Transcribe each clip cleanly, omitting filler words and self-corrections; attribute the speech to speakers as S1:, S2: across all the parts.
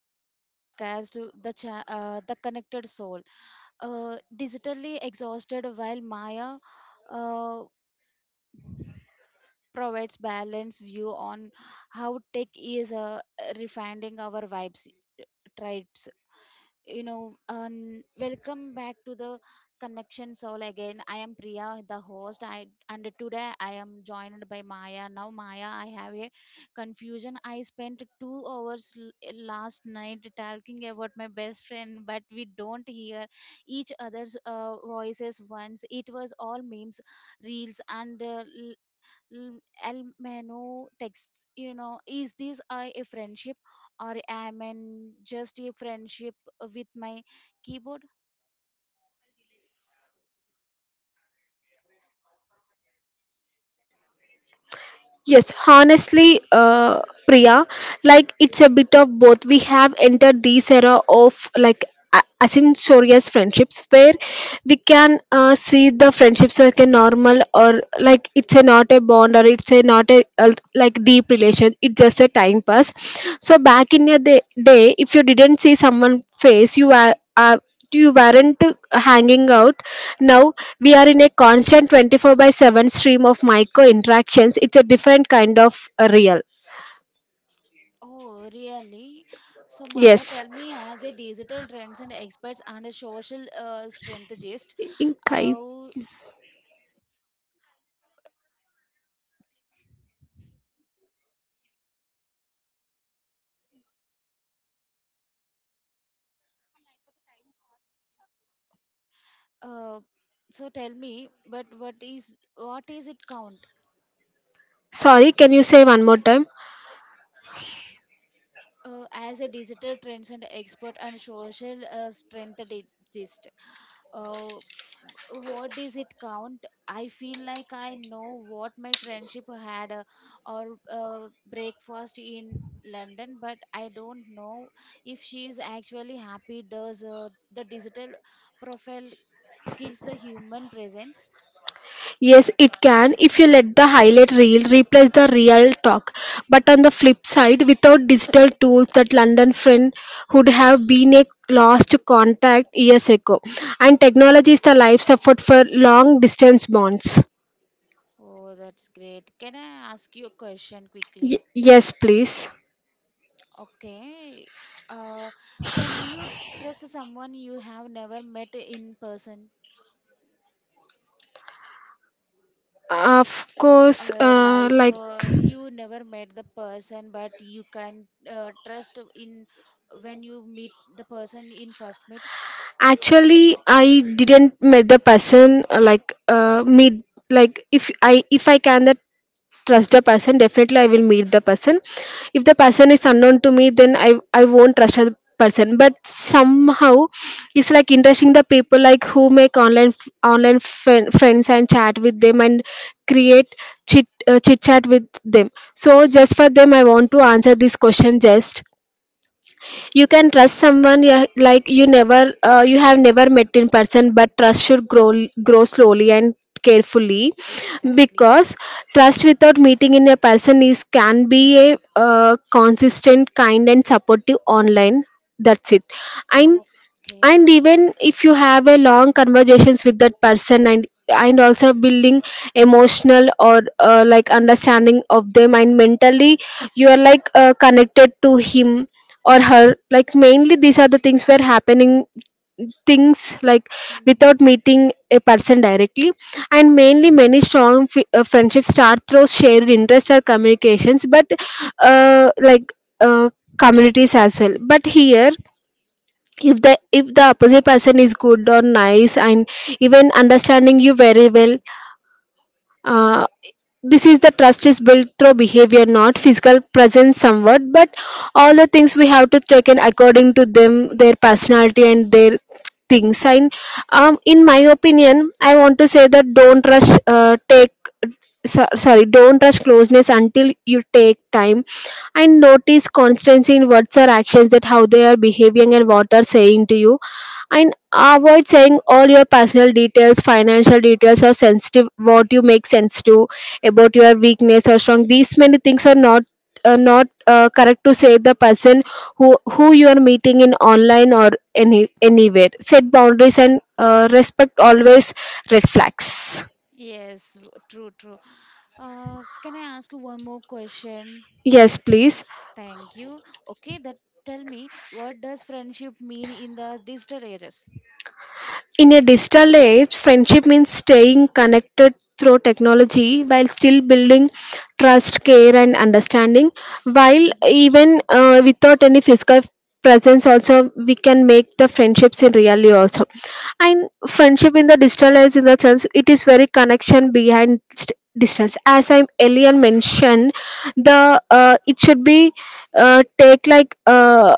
S1: Welcome to the podcast, the connected soul. Digitally exhausted, while Maya uh, provides balanced view on how tech is refining our vibes, tribes. Welcome back to the Connection Soul again. I am Priya, the host. I and today I am joined by Maya. Now, Maya, I have a confusion. I spent 2 hours last night talking about my best friend, but we don't hear each other's voices once. It was all memes, reels, and El texts, is this I a friendship, or am I just a friendship with my keyboard?
S2: Yes, honestly, Priya, like it's a bit of both. We have entered this era of like asynchronous friendships where we can see the friendships like a normal or like it's a not a bond or it's a not a like deep relation. It's just a time pass. So back in your day, day if you didn't see someone face, you weren't hanging out now. We are in a constant 24 by 7 stream of micro interactions. It's a different kind of real.
S1: Oh, really? So, Maya,
S2: Yes.
S1: tell me, as a digital trends and experts and a social strategist,
S2: Okay.
S1: how, uh, so tell me, but what is it count?
S2: Sorry, can you say one more time?
S1: Uh, as a digital trends and expert and social strength digest. Uh, what does it count? I feel like I know what my friendship had or breakfast in London, but I don't know if she is actually happy. Does the digital profile kills the human presence?
S2: Yes, it can if you let the highlight reel replace the real talk. But on the flip side, without digital tools, that London friend would have been a lost contact years ago. And technology is the life support for long distance bonds.
S1: Oh, that's great. Can I ask you a question
S2: Y-
S1: quickly?
S2: yes, please.
S1: Okay. Uh, can you trust someone you have never met in person?
S2: Of course, like,
S1: You never met the person, but you can trust in when you meet the person in first meet.
S2: actually, I didn't met the person meet like if I can that trust the person, definitely I will meet the person. If the person is unknown to me, then I won't trust the person. But somehow, it's like interesting the people like who make online online friends and chat with them and create chit chat with them. So just for them, I want to answer this question. Just you can trust someone, yeah, like you have never met in person, but trust should grow slowly and carefully because trust without meeting in a person is can be a consistent, kind, and supportive online. That's it. And and even if you have a long conversations with that person, and also building emotional or like understanding of them, and mentally you are like connected to him or her, like mainly these are the things were happening, things like
S1: Mhm.
S2: without meeting a person directly. And mainly many strong friendships start through shared interests or communications, but uh, like uh, communities as well. But here, if the opposite person is good or nice and even understanding you very well, uh, this is the trust is built through behavior, not physical presence somewhat, but all the things we have to take in according to them, their personality and their things. And in my opinion, I want to say that don't rush. Take so, sorry Don't rush closeness until you take time and notice constancy in words or actions, that how they are behaving and what are saying to you, and avoid saying all your personal details, financial details, or sensitive, what you make sense to about your weakness or strong. These many things are not correct to say the person who you are meeting in online or anywhere. Set boundaries and respect, always red flags.
S1: Yes, true, true. Can I ask you one more question?
S2: Yes, please.
S1: Thank you. Okay, that tell me, what does friendship mean in the digital ages?
S2: In a digital age, friendship means staying connected through technology while still building trust, care, and understanding. While
S1: Mhm.
S2: even without any physical presence, also we can make the friendships in reality also. And friendship in the digital age, in the sense, it is very connection behind distance. As I earlier mentioned, the it should be take like.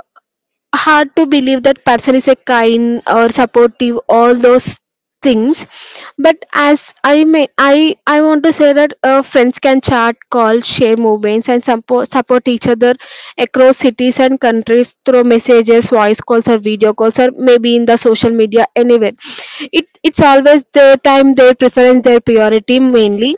S2: Hard to believe that person is a kind or supportive, all those things. But as I may I want to say that friends can chat, call, share movements, and support, support each other across cities and countries through messages, voice calls, or video calls, or maybe in the social media anywhere. It it's always their time, their preference, their priority mainly.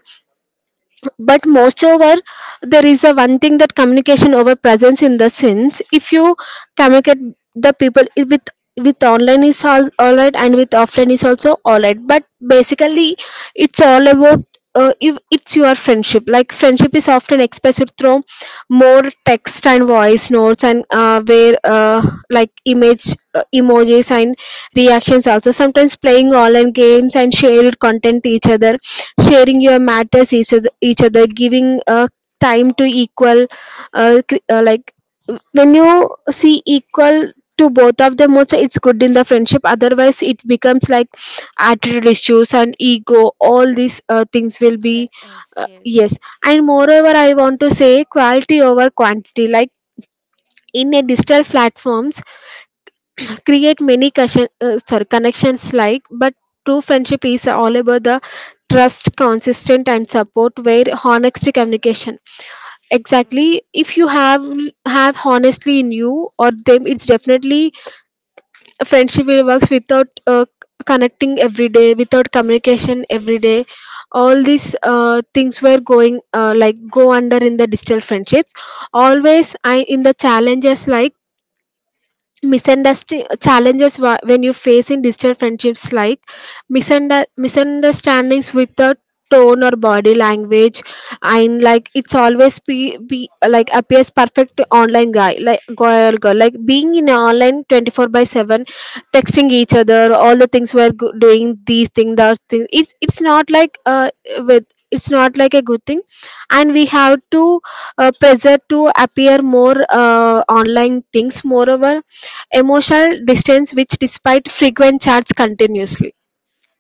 S2: But moreover, there is a one thing that communication over presence, in the sense, if you communicate the people is with online is all right, and with offline is also all right. But basically, it's all about if it's your friendship. Like friendship is often expressed through more text and voice notes, and where like image, emojis, and reactions, also sometimes playing online games and shared content to each other, sharing your matters each other, giving time to equal. Like when you see equal to both of them, also it's good in the friendship. Otherwise it becomes like attitude issues and ego, all these things will be.
S1: Yes, yes.
S2: Yes. And moreover, I want to say, quality over quantity. Like in a digital
S1: Hmm.
S2: platforms create many connections like, but true friendship is all about the trust, consistent, and support where honest communication,
S1: True.
S2: exactly, if you have honestly in you or them, it's definitely a friendship will works without connecting every day, without communication every day. All these things were going like go under in the digital friendships. Always, I in the challenges, like misunderstanding challenges, when you face in digital friendships, like misunderstandings with the tone or body language. And like it's always be like appears perfect to online guy or girl, like being in online 24 by 7, texting each other, all the things we're doing these things, those things. It's not like with it's not like a good thing. And we have to pressure to appear more online things. Moreover, emotional distance, which despite frequent chats, continuously.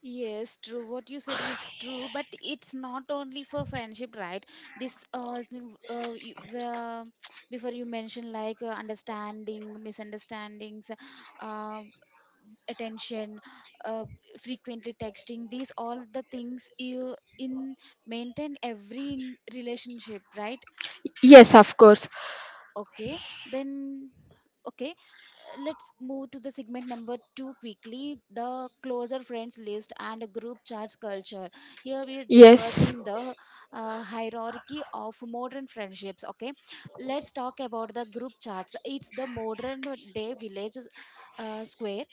S1: Yes, true. What you said is true, but it's not only for friendship, right? This thing, you, before you mentioned like understanding, misunderstandings, uh, attention, uh, frequently texting. These all the things you in maintain every relationship, right?
S2: Yes, of course.
S1: Okay, then, okay, let's move to the segment number two quickly, the closer friends list and group chats culture. Here we are
S2: Yes.
S1: discussing the hierarchy of modern friendships. Okay, let's talk about the group chats. It's the modern day village square.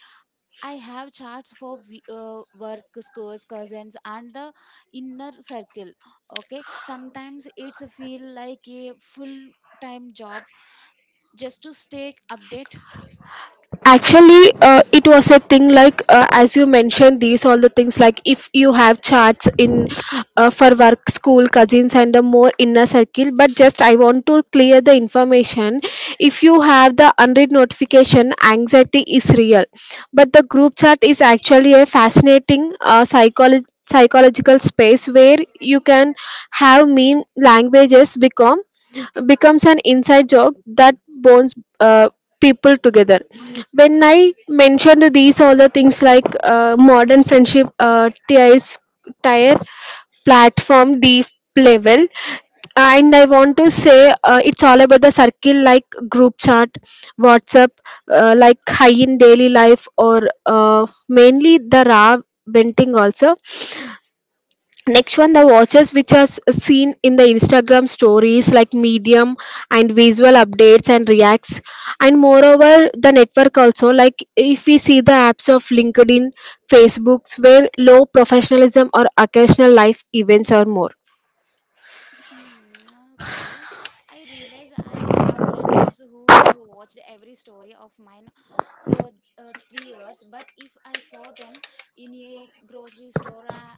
S1: I have chats for work, schools, cousins, and the inner circle. Okay, sometimes it's feel like a full time job just to stay updated.
S2: Actually, it was a thing like as you mentioned, these all the things, like if you have charts in for work, school, cousins, and a more inner circle. But just I want to clear the information. If you have the unread notification, anxiety is real, but the group chat is actually a fascinating psychology psychological space where you can have meme languages becomes an inside joke that bonds people together. When I mentioned these all the things, like modern friendship tier, platform, deep level. And I want to say, it's all about the circle, like group chat, WhatsApp, like high in daily life, or mainly the raw venting also. Next one, the watches, which are seen in the Instagram stories, like Medium and visual updates and reacts. And moreover, the network also, like if we see the apps of LinkedIn, Facebooks, where low professionalism or occasional life events are more.
S1: Mm, okay. I realize I have friendships who have watched every story of mine for 3 years, but if I saw them in a grocery store,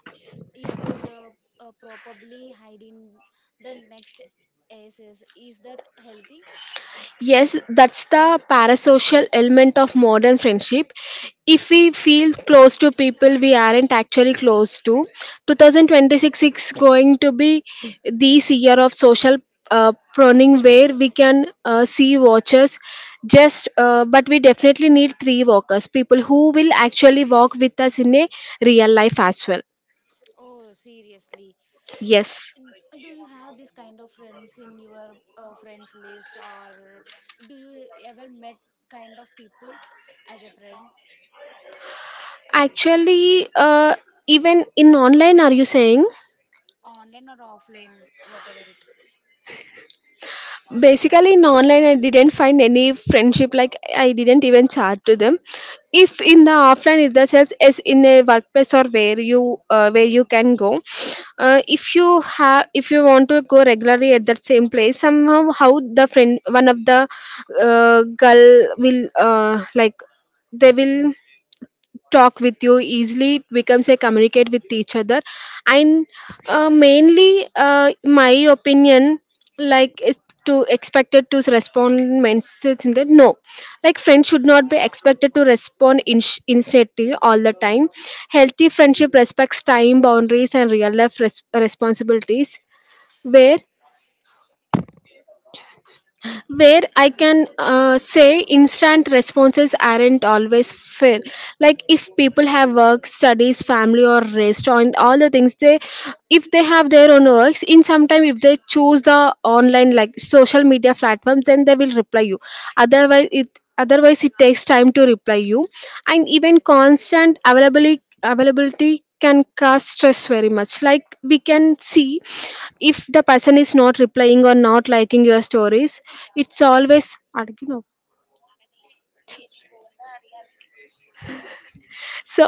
S1: it would probably hide in the next SS. Is that healthy?
S2: Yes, that's the parasocial element of modern friendship. If we feel close to people we aren't actually close to, 2026 is going to be this year of social pruning, where we can see watchers, just but we definitely need three walkers, people who will actually walk with us in a real life as well.
S1: Oh, seriously.
S2: Yes.
S1: N- Do you have this kind of friends in your friends list, or do you ever met kind of people as a friend?
S2: Actually, even in online, are you saying?
S1: Online or offline, whatever it.
S2: Basically in online I didn't find any friendship. Like I didn't even chat to them. If in the offline, if the sales is in a workplace, or where you can go, if you want to go regularly at that same place, somehow how the friend, one of the girl will, like, they will talk with you easily, it becomes a communicate with each other. And mainly, my opinion like is to expected to respond messages in the no, like friends should not be expected to respond instantly all the time. Healthy friendship respects time boundaries and real life responsibilities, where I can say, instant responses aren't always fair. Like if people have work, studies, family, or rest, on all the things if they have their own works, in some time, if they choose the online like social media platform, then they will reply you. Otherwise it takes time to reply you. And even
S1: Yes.
S2: constant availability can cause stress very much, like we can see, if the person is not replying or not liking your stories. It's always, so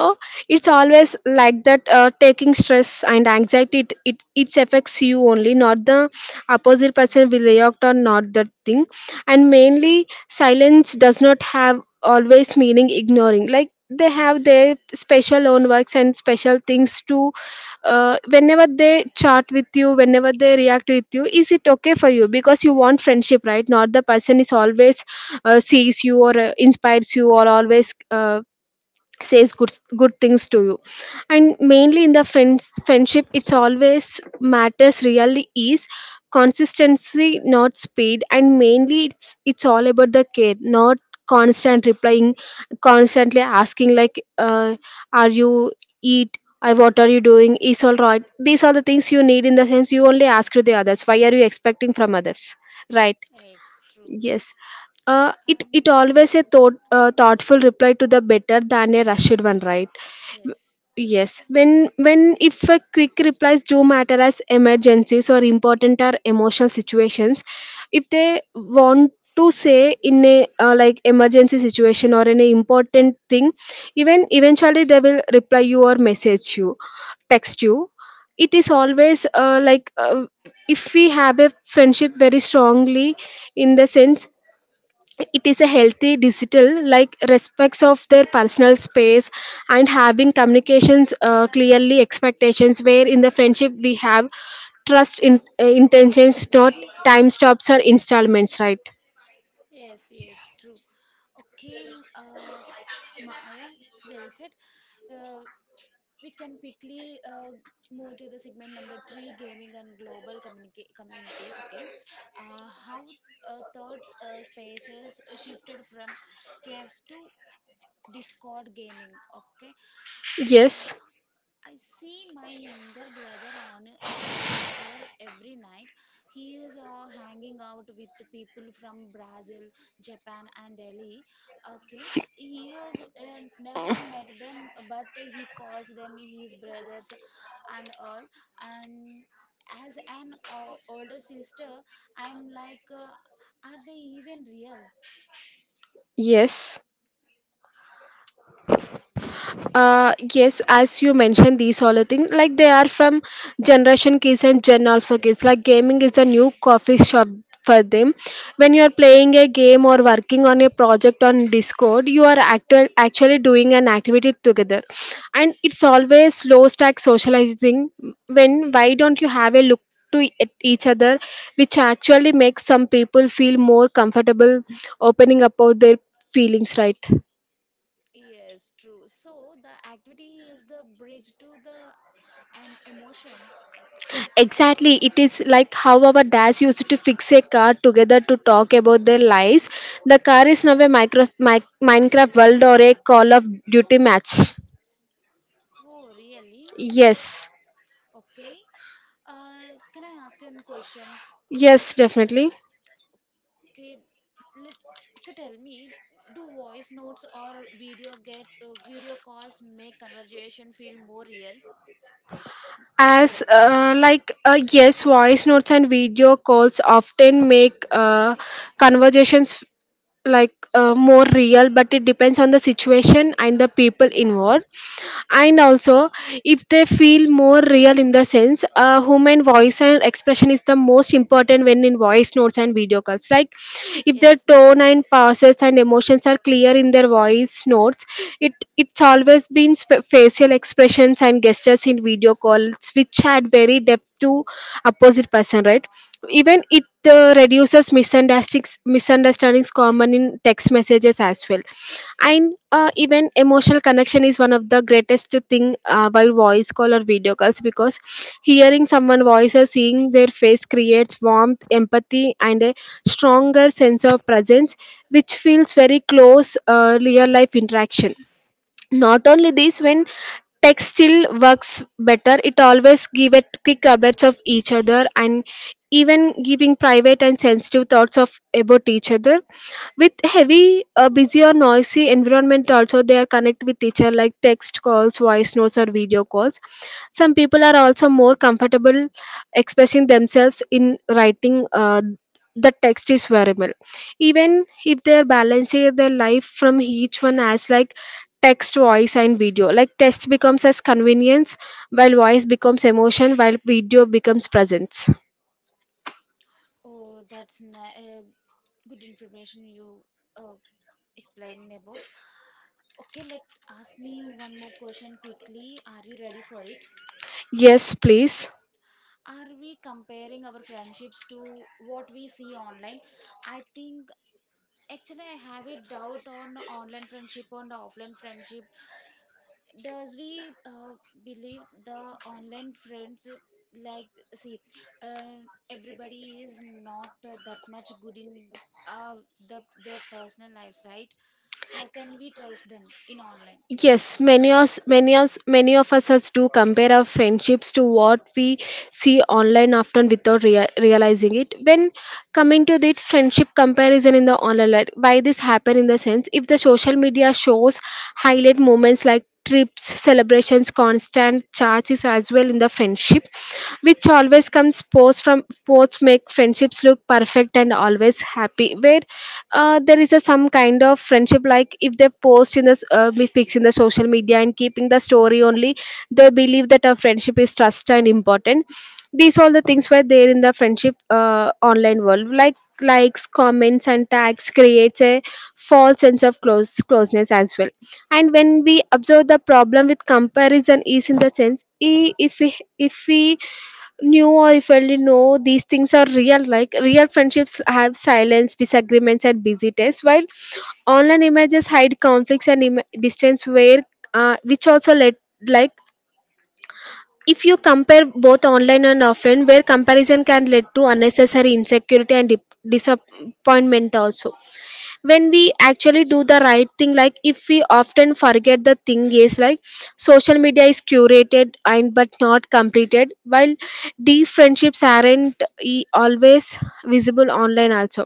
S2: it's always like that, taking stress and anxiety. It affects you only, not the opposite person will react or not, that thing. And mainly, silence does not have always meaning ignoring. Like they have their special own works and special things to, whenever they chat with you, whenever they react with you, is it okay for you, because you want friendship, right? Not the person is always sees you or inspires you or always says good things to you. And mainly in the friendship, it's always matters, really is consistency, not speed. And mainly it's all about the care, not constant replying, constantly asking, like, are you eat or what are you doing, is all right. These are the things you need, in the sense, you only ask to the others, why are you expecting from others, right?
S1: Yes, true.
S2: Yes. It
S1: And
S2: always a thoughtful reply to the better than a rushed one, right? W-
S1: yes.
S2: Yes. When if a quick replies do matter as emergencies or important or emotional situations, if they want to say in a like emergency situation or in a important thing, even eventually they will reply you or message you text you it is always if we have a friendship very strongly in the sense it is a healthy digital like respects of their personal space and having communications clearly expectations where in the friendship we have trust in intentions not time stops or installments, right?
S1: Yes, yes, true. Okay, Maya, well said. Uh, we can quickly move to the segment number three, gaming and global communities. Okay, how third spaces shifted from caves to Discord gaming. Okay, uh,
S2: Yes,
S1: I see my younger brother on Discover every night. He is hanging out with the people from Brazil, Japan, and Delhi. Okay, he has never met them, but he calls them his brothers and all. And as an older sister, I'm like, are they even real?
S2: yes. Yes, as you mentioned, these all the things like they are from generation kids and gen alpha kids. Like gaming is a new coffee shop for them. When you are playing a game or working on a project on Discord, you are actually doing an activity together, and it's always low stack socializing. When why don't you have a look? To at each other, which actually makes some people feel more comfortable opening up about their feelings, right?
S1: Yes, true. So the activity is the bridge to the an emotion.
S2: Exactly. It is like how our dads used to fix a car together to talk about their lives. The car is now a Minecraft world or a Call of Duty match.
S1: Oh, really?
S2: Yes.
S1: Okay. Can I ask you a question?
S2: Yes, definitely.
S1: Okay, let, okay, tell me, do voice notes or video calls make conversation feel more real? So,
S2: As yes, voice notes and video calls often make conversations like more real, but it depends on the
S1: okay,
S2: situation and the people
S1: yeah,
S2: involved. And also, if they feel more real in the sense, a human voice and expression is the most important when in voice notes and video calls. Like if their
S1: yes,
S2: tone
S1: yes.
S2: and pauses and emotions are clear in their voice notes, it's always been facial expressions and gestures in video calls which add very depth to opposite person, right? Even it reduces misunderstandings common in text messages as well, and even emotional connection is one of the greatest thing by voice call or video calls because hearing someone voice or seeing their face creates warmth empathy and a stronger sense of presence which feels very close real life interaction. Not only this, when textile works better, it always give a quick updates of each other and even giving private and sensitive thoughts of about each other. With heavy, busy or noisy environment also they are connect with each other like text calls, voice notes or video calls. Some people are also more comfortable expressing themselves in writing, the text is variable even if they are balancing their life from each one as like text, voice, and video. Like text becomes as convenience, while voice becomes emotion, while video becomes presence.
S1: Oh, that's good information you uh, explained about. Okay, let ask me one more question quickly. Are you ready for it?
S2: Yes, please.
S1: Are we comparing our friendships to what we see online? I think actually I have a doubt on online friendship and offline friendship. Does we believe the online friends, like, see uh, everybody is not that much good in uh, the their personal lives, right? How can we trust them in online?
S2: Yes, many of us do compare our friendships to what we see online often without realizing it. When coming to the friendship comparison in the online, life, why this happen in the sense if the social media shows highlight moments like trips, celebrations, constant charges as well in the friendship, which always comes post from post make friendships look perfect and always happy. Where there is a some kind of friendship, like if they post in the with pics in the social media and keeping the story only, they believe that a friendship is trust and important, these all the things were there in the friendship online world like likes comments and tags creates a false sense of closeness as well. And when we observe the problem with comparison is in the sense if we knew or if we only know these things are real like real friendships have silence disagreements and busy days while online images hide conflicts and distance, where which also led like if you compare both online and offline, where comparison can lead to unnecessary insecurity and disappointment also. When we actually do the right thing, like if we often forget the thing is like social media is curated and but not completed, while deep friendships aren't always visible online also.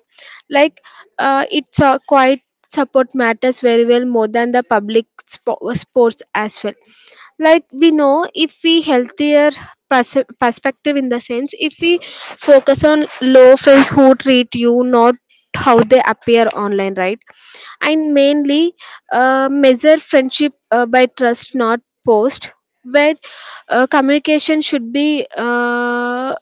S2: Like it's quite support matters very well more than the public sports as well, like we know if we healthier perspective in the sense if we focus on low friends who treat you not how they appear online, right? And mainly measure friendship by trust
S1: True.
S2: not post. But communication should be uh,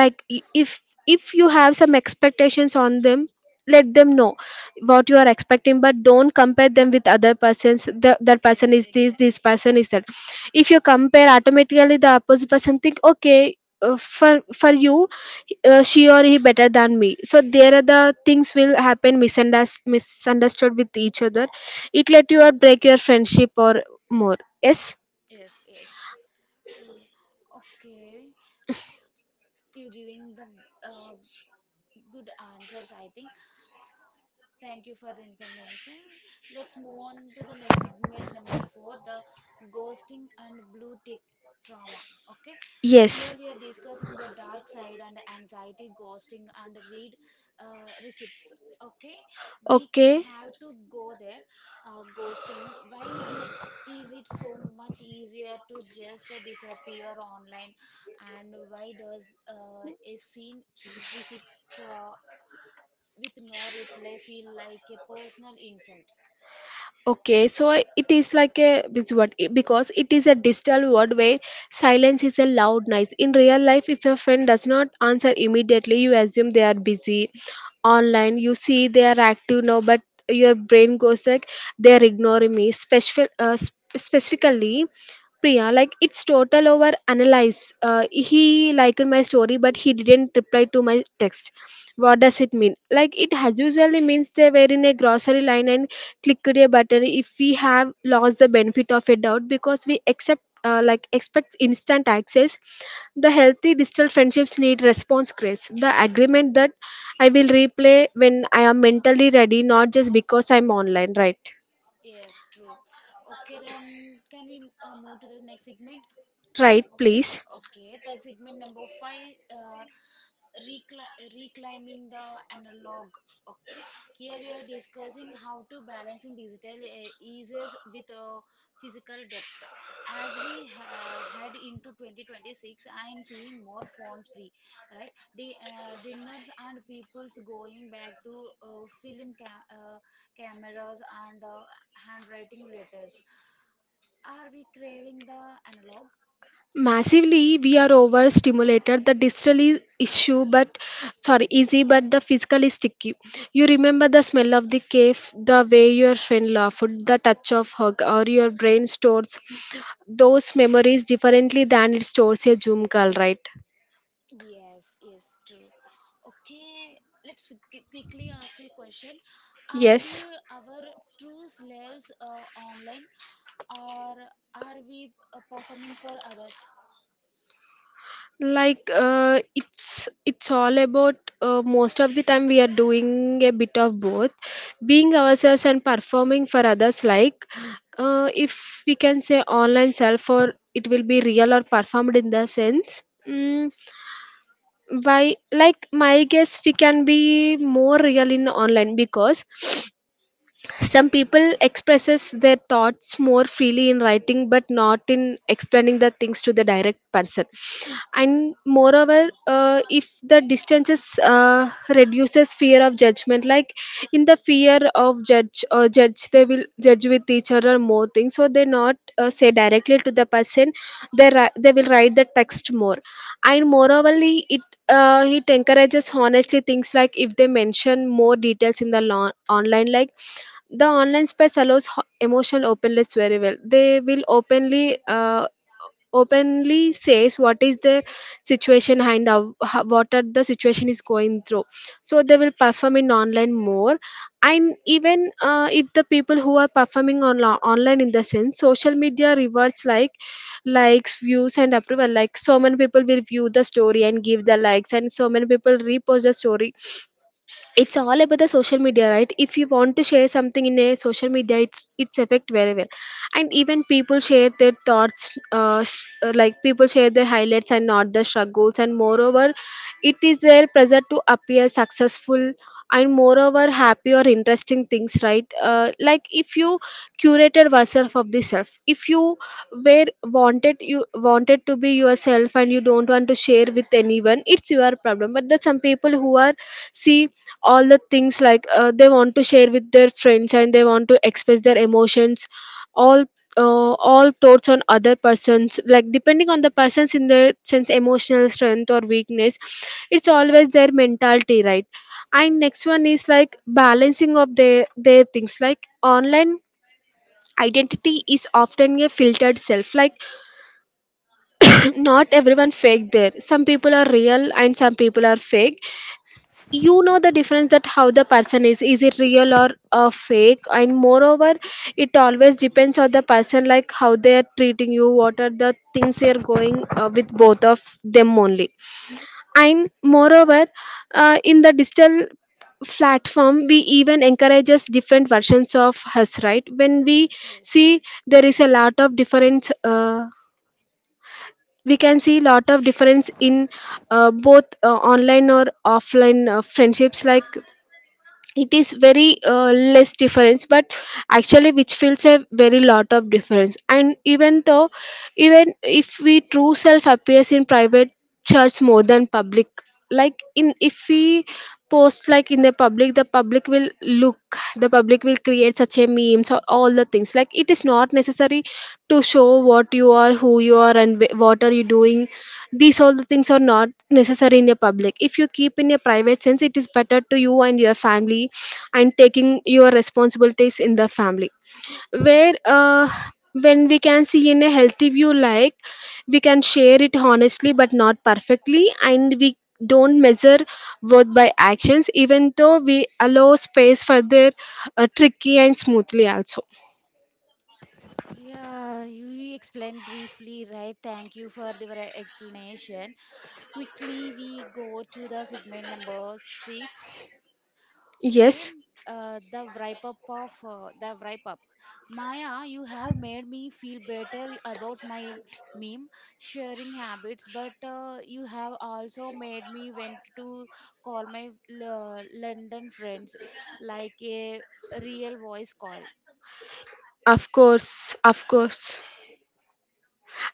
S2: like i- if you have some expectations on them let them know what you are expecting, but don't compare them with other persons the, that person
S1: Yes,
S2: is this
S1: exactly.
S2: person is that. If you compare automatically the opposite person think okay, for you she or he better than me, so there are the things will happen misunderstood with each other. It let you or break your friendship or more. Yes,
S1: Yes, yes, true. Okay, you're giving the uh, good answers, I think. Thank you for the information. Let's move on to the next segment, number four, the ghosting and blue tick trauma. Okay, here
S2: yes.
S1: we are discussing the dark side and anxiety, ghosting, and read receipts. Okay, we
S2: Okay.
S1: have to go there. Ghosting, why? Is it so much easier to just disappear online, and why does a scene receipt with no reply feel like a personal insult?
S2: Okay, so it is like a this because it is a digital world where silence is a loud noise. In real life, if your friend does not answer immediately, you assume they are busy online. You see they are active now, but your brain goes like they are ignoring me. Special, specifically Priya, like it's total over analyze. He liked my story, but he didn't reply to my text. What does it mean? Like it has usually means they were in a grocery line and clicked a button if we have lost the benefit of a doubt because we accept expect instant access. The healthy digital friendships need response grace. The agreement that I will replay when I am mentally ready, not just because I'm online. Right?
S1: Yes, true. Okay, then can we move to the next segment?
S2: Right? Please.
S1: Okay, that's segment number five. Reclaiming the analog. Okay, here we are discussing how to balancing digital eases with physical depth. As we head into 2026, I am seeing more phones free, right, the dinners and people's going back to cameras and handwriting letters. Are we craving the analog?
S2: Massively we are overstimulated, the digital is issue but sorry easy, but the physical is sticky. You remember the smell of the cave, the way your friend laughed, the touch of hug, or your brain stores those memories differently than it stores a zoom call, right?
S1: Yes, yes, true. Okay, let's quickly ask a question. Are we
S2: Yes,
S1: our true slaves online, or are we performing for others?
S2: like it's all about most of the time we are doing a bit of both being ourselves and performing for others, like if we can say online self or it will be real or performed in the sense mm, why like my guess we can be more real in online because some people expresses their thoughts more freely in writing but not in explaining the things to the direct person. And moreover if the distances reduces fear of judgment like in the fear of judge or judge they will judge with each other more things so they not say directly to the person, they will write the text more. And moreover it it encourages honestly things like if they mention more details in the online, like the online space allows emotional openness very well, they will openly openly says what is the situation and how, what are the situation is going through, so they will perform in online more. And even if the people who are performing on online in the sense social media rewards like likes views and approval, like so many people will view the story and give the likes and so many people repost the story. It's all about the social media, right? If you want to share something in a social media it's effect very well. And even people share their thoughts like people share their highlights and not the struggles, and moreover it is their pressure to appear successful and moreover happy or interesting things, right? Like if you curated yourself of the self, if you were wanted you wanted to be yourself and you don't want to share with anyone it's your problem, but there's some people who are see all the things like they want to share with their friends and they want to express their emotions, all all thoughts on other persons, like depending on the persons in their sense emotional strength or weakness, it's always their mentality, right? And next one is like balancing of their things, like online identity is often a filtered self like not everyone fake, there some people are real and some people are fake. You know the difference that how the person is, it real or fake? And moreover it always depends on the person, like how they are treating you, what are the things they are going with both of them only. And moreover in the digital platform we even encourages different versions of us, right? When we
S1: Yes.
S2: see there is a lot of difference, we can see lot of difference in both online or offline friendships, like it is very less difference but actually which feels a very lot of difference. And even though even if we true self appears in private church more than public, like in if we post like in the public, the public will look. The public will create such a memes or all the things. Like it is not necessary to show what you are, who you are, and what are you doing. These all the things are not necessary in a public. If you keep in a private sense, it is better to you and your family and taking your responsibilities in the family. Where when we can see in a healthy view, like we can share it honestly but not perfectly, and we don't measure worth by actions, even though we allow space for their tricky and smoothly also.
S1: Yeah, you explained briefly, right? Thank you for the explanation. Quickly, we go to the segment number six. Okay,
S2: Yes,
S1: the wrap up of the wrap up. Maya, you have made me feel better about my meme sharing habits, but you have also made me want to call my London friends, like a real voice call.
S2: of course, of course.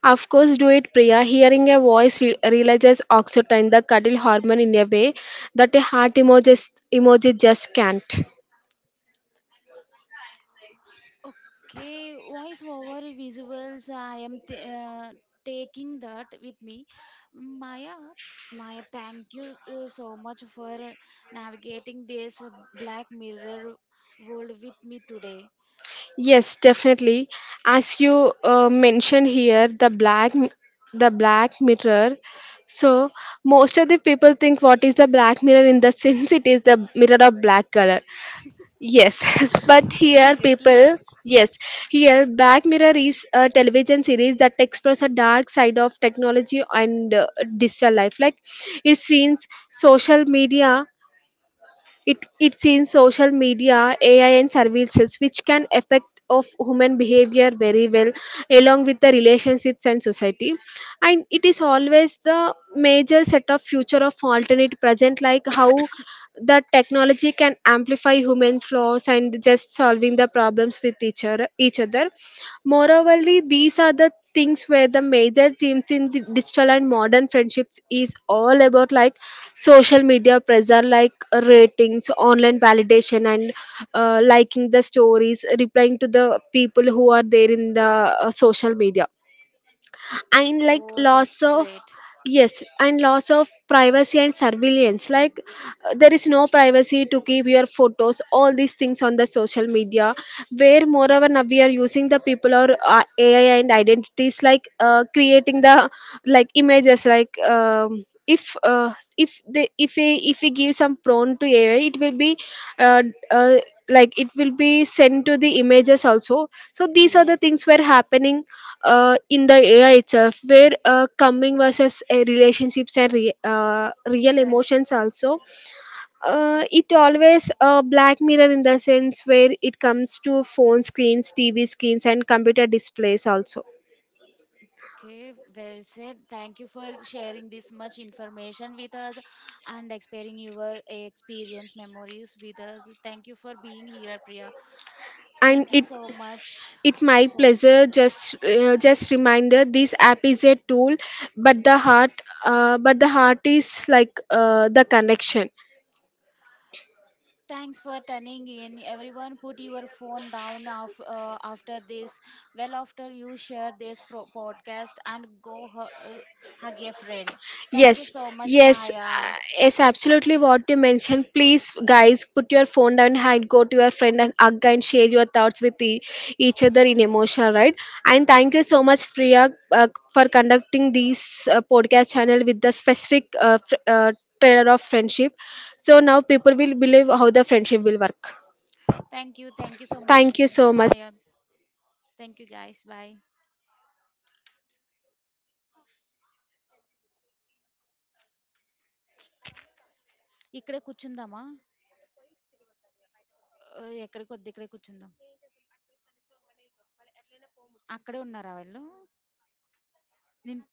S2: Of course do it, Priya. Hearing a voice releases oxytocin, the cuddle hormone, in a way that a heart emoji, just can't.
S1: Okay, voiceover visuals. I am taking that with me. Maya, Maya, thank you so much for navigating this black mirror world with me today.
S2: Yes, definitely. As you mentioned here, the the black mirror. So most of the people think what is the black mirror in the sense, it is the mirror of black color. Yes, but here
S1: Seriously.
S2: people, yes, here Black Mirror is a television series that explores a dark side of technology and digital life. Like it seems social media, it's in social media, AI and services which can affect of human behavior very well, along with the relationships and society. And it is always the major set of future of alternate present, like how the technology can amplify human flaws and just solving the problems with each other. Moreoverly, these are the things where the major themes in the digital and modern friendships is all about, like social media pressure, like ratings, online validation, and liking the stories, replying to the people who are there in the social media and like
S1: Oh,
S2: loss
S1: that's
S2: of,
S1: great.
S2: yes, and loss of privacy and surveillance. Like there is no privacy to keep your photos, all these things, on the social media, where moreover now we are using the people or ai and identities, like creating the like images, like if we give some prone to ai, it will be uh, uh, like it will be sent to the images also, so these are the
S1: Yes,
S2: things were happening in the AI itself, where coming versus relationships and real emotions
S1: friendships.
S2: also. Uh,
S1: Oh.
S2: it always a black mirror in the sense, where it comes to phone screens, TV screens, and computer displays also.
S1: Okay, well said. Thank you for sharing this much information with us and sharing your experience memories with us. Thank you for being here, Priya.
S2: And
S1: Thank you so much
S2: it my
S1: for.
S2: pleasure. Just just reminder, this app is a tool, but the heart, but the heart is like the connection.
S1: Thanks for turning in. Everyone, put your phone down after this. Well, after you share this podcast and go hug a friend. Thank you
S2: Yes,
S1: so much,
S2: yes,
S1: Maya.
S2: yes, absolutely what you mentioned. Please, guys, put your phone down and go to your friend and hug and share your thoughts with each other in emotion, right? And thank you so much, Priya, for conducting this podcast channel with the specific trailer of friendship. So now people will believe how the friendship will work.
S1: Thank you so much,
S2: Thank you so much.
S1: Maya. Thank you, guys. Bye. ఇక్కడే కూర్చుందామా. ఓహ్! ఎక్కడ కొద్ది ఇక్కడే కూర్చుందాం. అక్కడే ఉన్నారా వీళ్ళు? నేను